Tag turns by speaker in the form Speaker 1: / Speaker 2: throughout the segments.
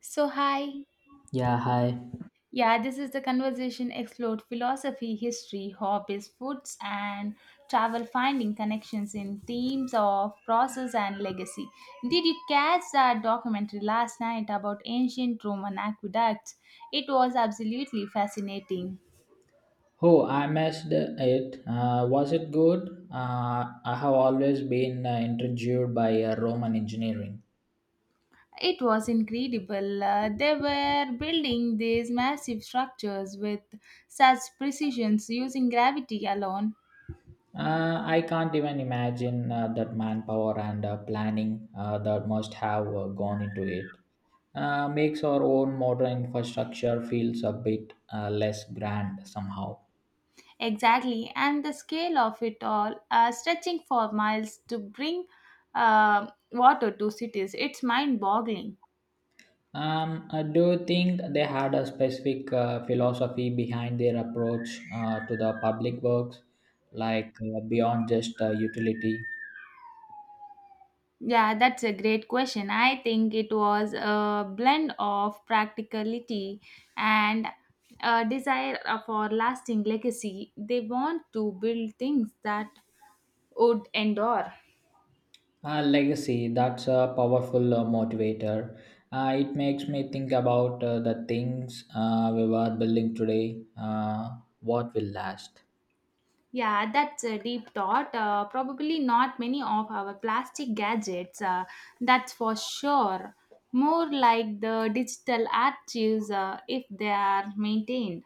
Speaker 1: So, hi.
Speaker 2: Yeah, hi.
Speaker 1: Yeah, this is the conversation explored philosophy, history, hobbies, foods, and travel, finding connections in themes of process and legacy. Did you catch that documentary last night about ancient Roman aqueducts? It was absolutely fascinating.
Speaker 2: Oh, I missed it. Was it good? I have always been intrigued by Roman engineering.
Speaker 1: It was incredible. They were building these massive structures with such precision using gravity alone.
Speaker 2: I can't even imagine that manpower and planning that must have gone into it. Makes our own modern infrastructure feels a bit less grand somehow.
Speaker 1: Exactly, and the scale of it all, stretching for miles to bring water to cities, it's mind boggling.
Speaker 2: I do you think they had a specific philosophy behind their approach to the public works, like beyond just utility.
Speaker 1: Yeah, that's a great question. I think it was a blend of practicality and a desire for lasting legacy. They want to build things that would endure.
Speaker 2: Legacy, that's a powerful motivator. It makes me think about the things we were building today, what will last.
Speaker 1: Yeah, that's a deep thought. Probably not many of our plastic gadgets, that's for sure. More like the digital archives if they are maintained.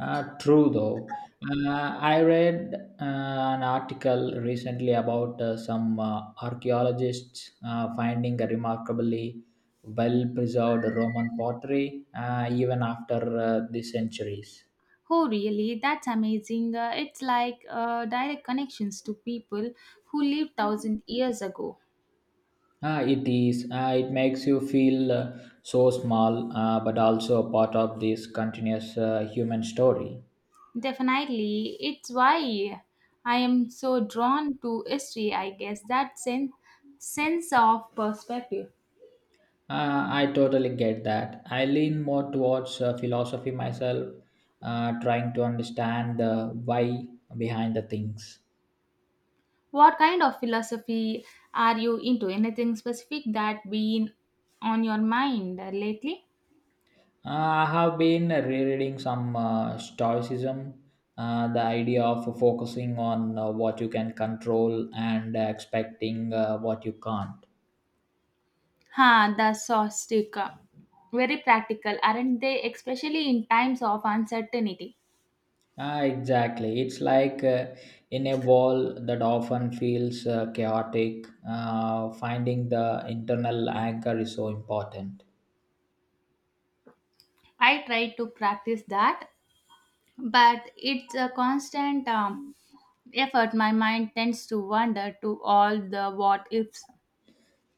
Speaker 2: True though. I read uh, an article recently about some archaeologists finding a remarkably well preserved Roman pottery even after the centuries.
Speaker 1: Oh, really? That's amazing. It's like direct connections to people who lived thousand years ago.
Speaker 2: Ah, it is. Ah, it makes you feel so small, but also a part of this continuous human story.
Speaker 1: Definitely, it's why I am so drawn to history, I guess, that sense of perspective.
Speaker 2: I totally get that. I lean more towards philosophy myself, trying to understand the why behind the things.
Speaker 1: What kind of philosophy are you into? Anything specific that been on your mind lately?
Speaker 2: I have been rereading some Stoicism, the idea of focusing on what you can control and expecting what you can't.
Speaker 1: Ha, the sostic. Very practical, aren't they? Especially in times of uncertainty.
Speaker 2: Ah, exactly. It's like in a wall that often feels chaotic. Finding the internal anchor is so important.
Speaker 1: I try to practice that, but it's a constant effort. My mind tends to wander to all the what ifs.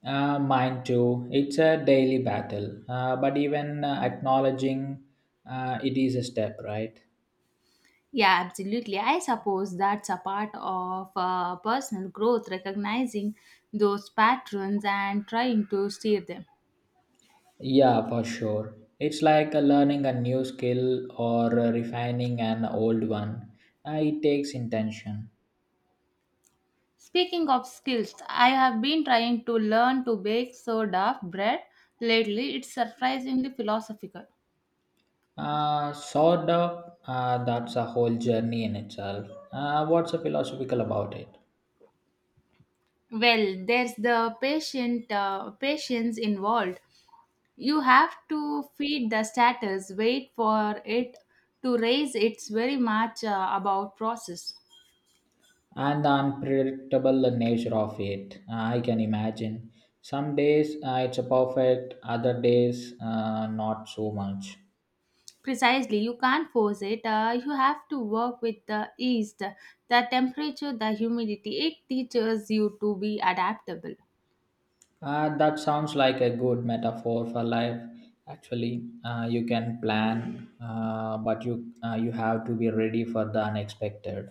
Speaker 2: Mine too. It's a daily battle, but even acknowledging it is a step, right?
Speaker 1: Yeah, absolutely. I suppose that's a part of personal growth, recognizing those patterns and trying to steer them.
Speaker 2: Yeah, for sure. It's like learning a new skill or refining an old one. It takes intention.
Speaker 1: Speaking of skills, I have been trying to learn to bake sourdough bread lately. It's surprisingly philosophical.
Speaker 2: Sort of, that's a whole journey in itself. What's the philosophical about it?
Speaker 1: Well, there's the patient patience involved. You have to feed the starters, wait for it to raise. It's very much about process.
Speaker 2: And the unpredictable nature of it. I can imagine. Some days it's a perfect, other days not so much.
Speaker 1: Precisely, you can't force it. You have to work with the yeast, the temperature, the humidity. It teaches you to be adaptable.
Speaker 2: That sounds like a good metaphor for life. Actually, you can plan, but you have to be ready for the unexpected.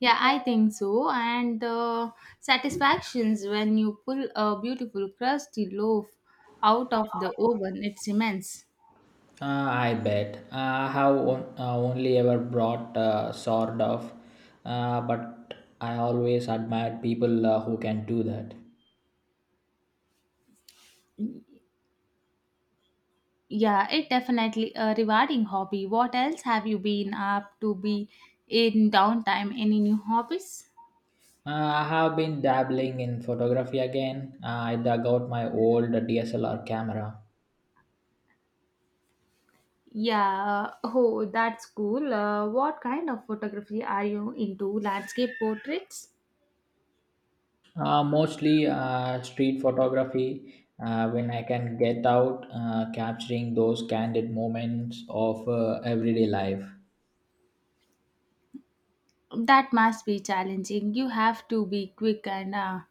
Speaker 1: Yeah, I think so. And the satisfactions when you pull a beautiful crusty loaf out of the oven, it's immense.
Speaker 2: I bet. I have on, only ever brought sort of, but I always admired people who can do that.
Speaker 1: Yeah, it definitely a rewarding hobby. What else have you been up to be in downtime? Any new hobbies?
Speaker 2: I have been dabbling in photography again. I dug out my old DSLR camera.
Speaker 1: Yeah, oh, that's cool. What kind of photography are you into? Landscape portraits?
Speaker 2: Mostly street photography when I can get out, capturing those candid moments of everyday life.
Speaker 1: That must be challenging. You have to be quick and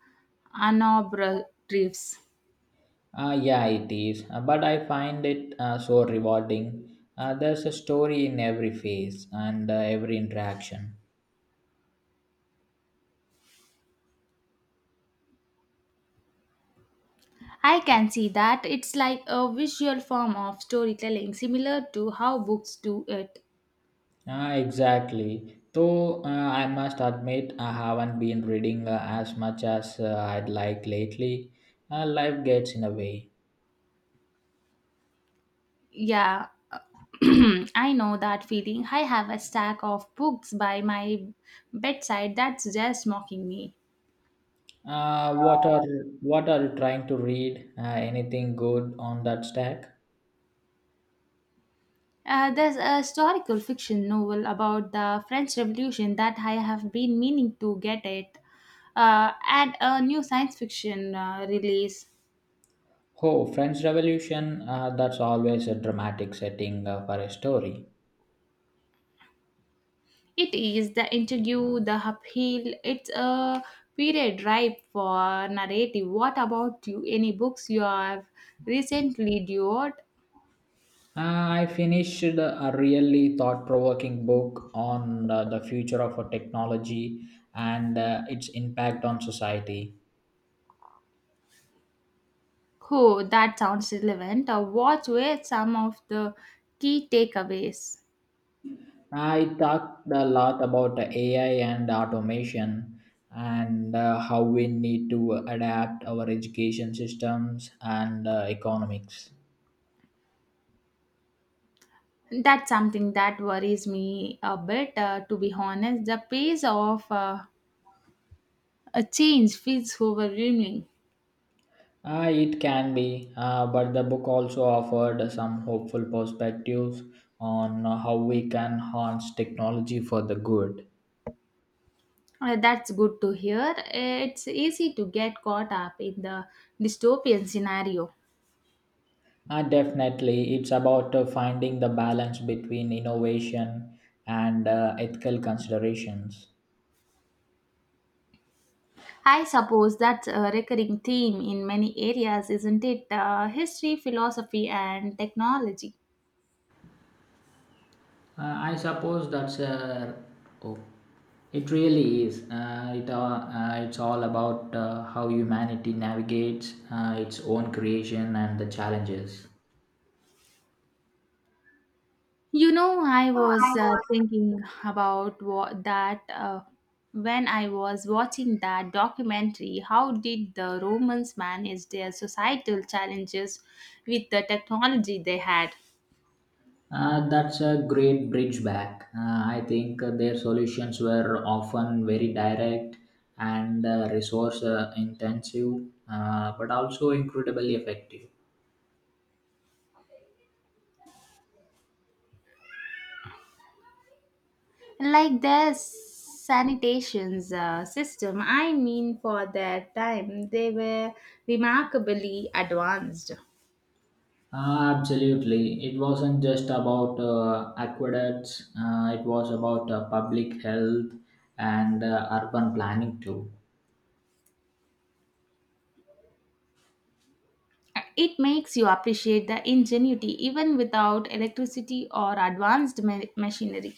Speaker 1: unobtrusive.
Speaker 2: Yeah, it is, but I find it so rewarding. There's a story in every face and every interaction.
Speaker 1: I can see that. It's like a visual form of storytelling, similar to how books do it.
Speaker 2: Ah, exactly. Though I must admit, I haven't been reading as much as I'd like lately. Life gets in a way.
Speaker 1: Yeah, I know that feeling. I have a stack of books by my bedside that's just mocking me.
Speaker 2: Uh, what are what are you trying to read? Anything good on that stack?
Speaker 1: There's a historical fiction novel about the French Revolution that I have been meaning to get it, and a new science fiction release.
Speaker 2: Oh, French Revolution. That's always a dramatic setting for a story.
Speaker 1: It is the interview, the upheaval. It's a period ripe for narrative. What about you? Any books you have recently devoured?
Speaker 2: I finished a really thought-provoking book on the future of a technology and its impact on society.
Speaker 1: Oh, that sounds relevant. Or what were some of the key takeaways?
Speaker 2: I talked a lot about AI and automation and how we need to adapt our education systems and economics.
Speaker 1: That's something that worries me a bit, to be honest. The pace of a change feels overwhelming.
Speaker 2: It can be, but the book also offered some hopeful perspectives on how we can harness technology for the good.
Speaker 1: That's good to hear. It's easy to get caught up in the dystopian scenario.
Speaker 2: Definitely, it's about finding the balance between innovation and ethical considerations.
Speaker 1: I suppose that's a recurring theme in many areas, isn't it? History, philosophy, and technology.
Speaker 2: Uh, I suppose that's oh, it really is. It's all about how humanity navigates its own creation and the challenges.
Speaker 1: You know, I was thinking about that when I was watching that documentary, how did the Romans manage their societal challenges with the technology they had?
Speaker 2: That's a great bridge back. I think their solutions were often very direct and resource intensive, but also incredibly effective.
Speaker 1: Like their sanitation system, I mean, for their time, they were remarkably advanced.
Speaker 2: Ah, absolutely. It wasn't just about aqueducts, it was about public health and urban planning too.
Speaker 1: It makes you appreciate the ingenuity even without electricity or advanced machinery.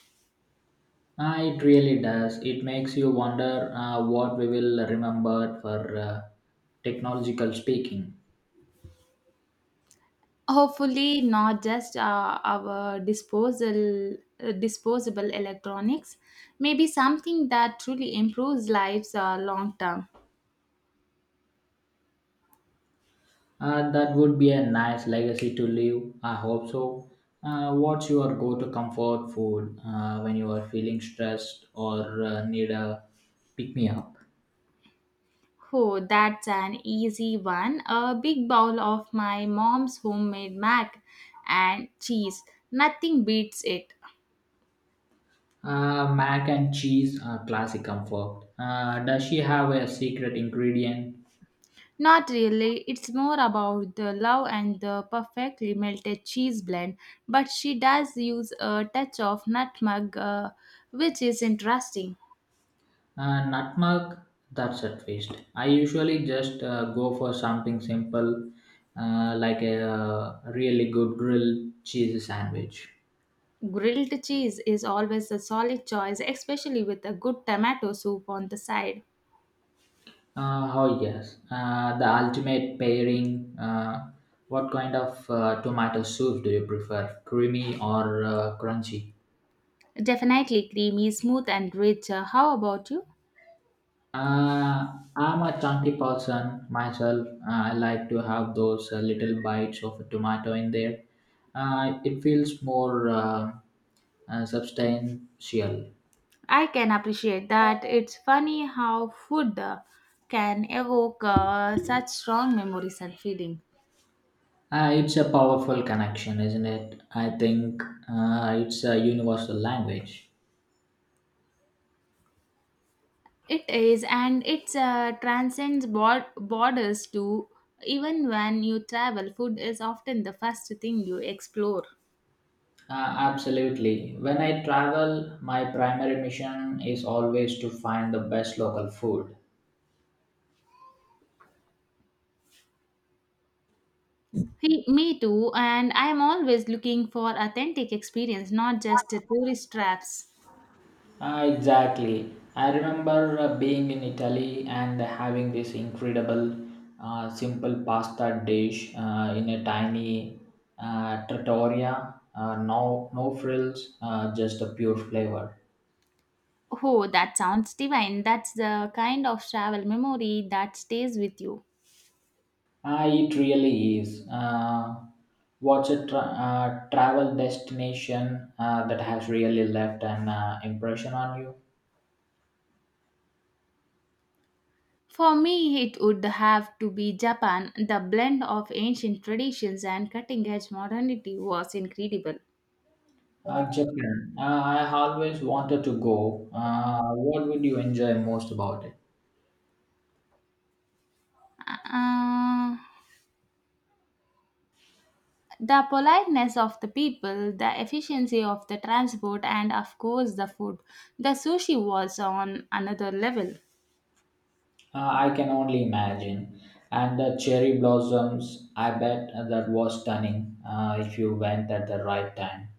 Speaker 2: It really does. It makes you wonder what we will remember for technological speaking.
Speaker 1: Hopefully, not just our disposal disposable electronics. Maybe something that truly improves lives long term.
Speaker 2: That would be a nice legacy to leave. I hope so. What's your go to comfort food when you are feeling stressed or need a pick me up?
Speaker 1: Oh, that's an easy one. A big bowl of my mom's homemade mac and cheese. Nothing beats it.
Speaker 2: Mac and cheese, classic comfort. Does she have a secret ingredient?
Speaker 1: Not really. It's more about the love and the perfectly melted cheese blend. But she does use a touch of nutmeg, which is interesting.
Speaker 2: Nutmeg, that's a twist. I usually just go for something simple like a really good grilled cheese sandwich.
Speaker 1: Grilled cheese is always a solid choice, especially with a good tomato soup on the side.
Speaker 2: Oh, yes. The ultimate pairing. What kind of tomato soup do you prefer? Creamy or crunchy?
Speaker 1: Definitely creamy, smooth, and rich. How about you?
Speaker 2: I'm a chunky person myself. I like to have those little bites of tomato in there. It feels more substantial.
Speaker 1: I can appreciate that. It's funny how food can evoke such strong memories and feelings.
Speaker 2: It's a powerful connection, isn't it? I think it's a universal language.
Speaker 1: It is, and it transcends borders too. Even when you travel, food is often the first thing you explore.
Speaker 2: Uh, Absolutely. When I travel, my primary mission is always to find the best local food.
Speaker 1: Hey, me too, and I am always looking for authentic experience, not just the tourist traps.
Speaker 2: Ah, exactly. I remember being in Italy and having this incredible, simple pasta dish in a tiny trattoria. No, no frills, just a pure flavor.
Speaker 1: Oh, that sounds divine. That's the kind of travel memory that stays with you.
Speaker 2: Ah, it really is. What's a travel destination that has really left an impression on you?
Speaker 1: For me, it would have to be Japan. The blend of ancient traditions and cutting edge modernity was incredible.
Speaker 2: Japan. I always wanted to go. What would you enjoy most about it?
Speaker 1: Uh, the politeness of the people, the efficiency of the transport, and of course, the food. The sushi was on another level.
Speaker 2: I can only imagine. And the cherry blossoms, I bet that was stunning if you went at the right time.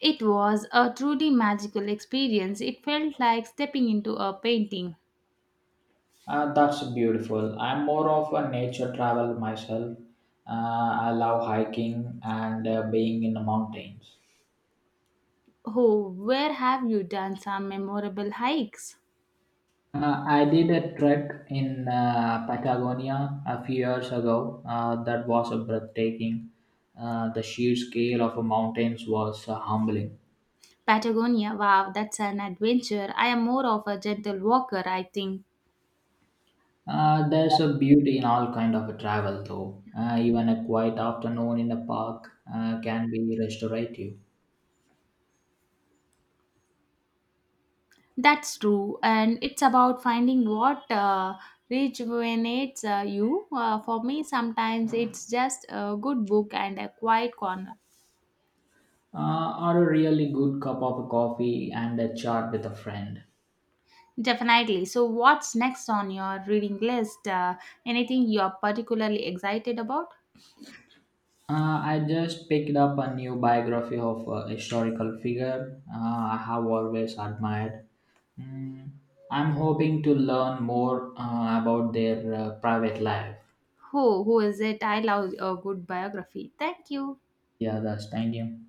Speaker 1: It was a truly magical experience. It felt like stepping into a painting.
Speaker 2: That's beautiful. I'm more of a nature travel myself. I love hiking and being in the mountains.
Speaker 1: Oh, where have you done some memorable hikes?
Speaker 2: I did a trek in Patagonia a few years ago. That was a breathtaking. The sheer scale of the mountains was humbling.
Speaker 1: Patagonia, wow, that's an adventure. I am more of a gentle walker, I think.
Speaker 2: There's a beauty in all kind of travel, though. Even a quiet afternoon in a park can be restorative.
Speaker 1: That's true, and it's about finding what rejuvenates you. For me, sometimes it's just a good book and a quiet corner.
Speaker 2: Or a really good cup of coffee and a chat with a friend.
Speaker 1: Definitely. So, what's next on your reading list? Anything you're particularly excited about?
Speaker 2: I just picked up a new biography of a historical figure I have always admired. Mm, I'm hoping to learn more about their private life.
Speaker 1: Who is it? I love a good biography. Thank you.
Speaker 2: Yeah, that's thank you.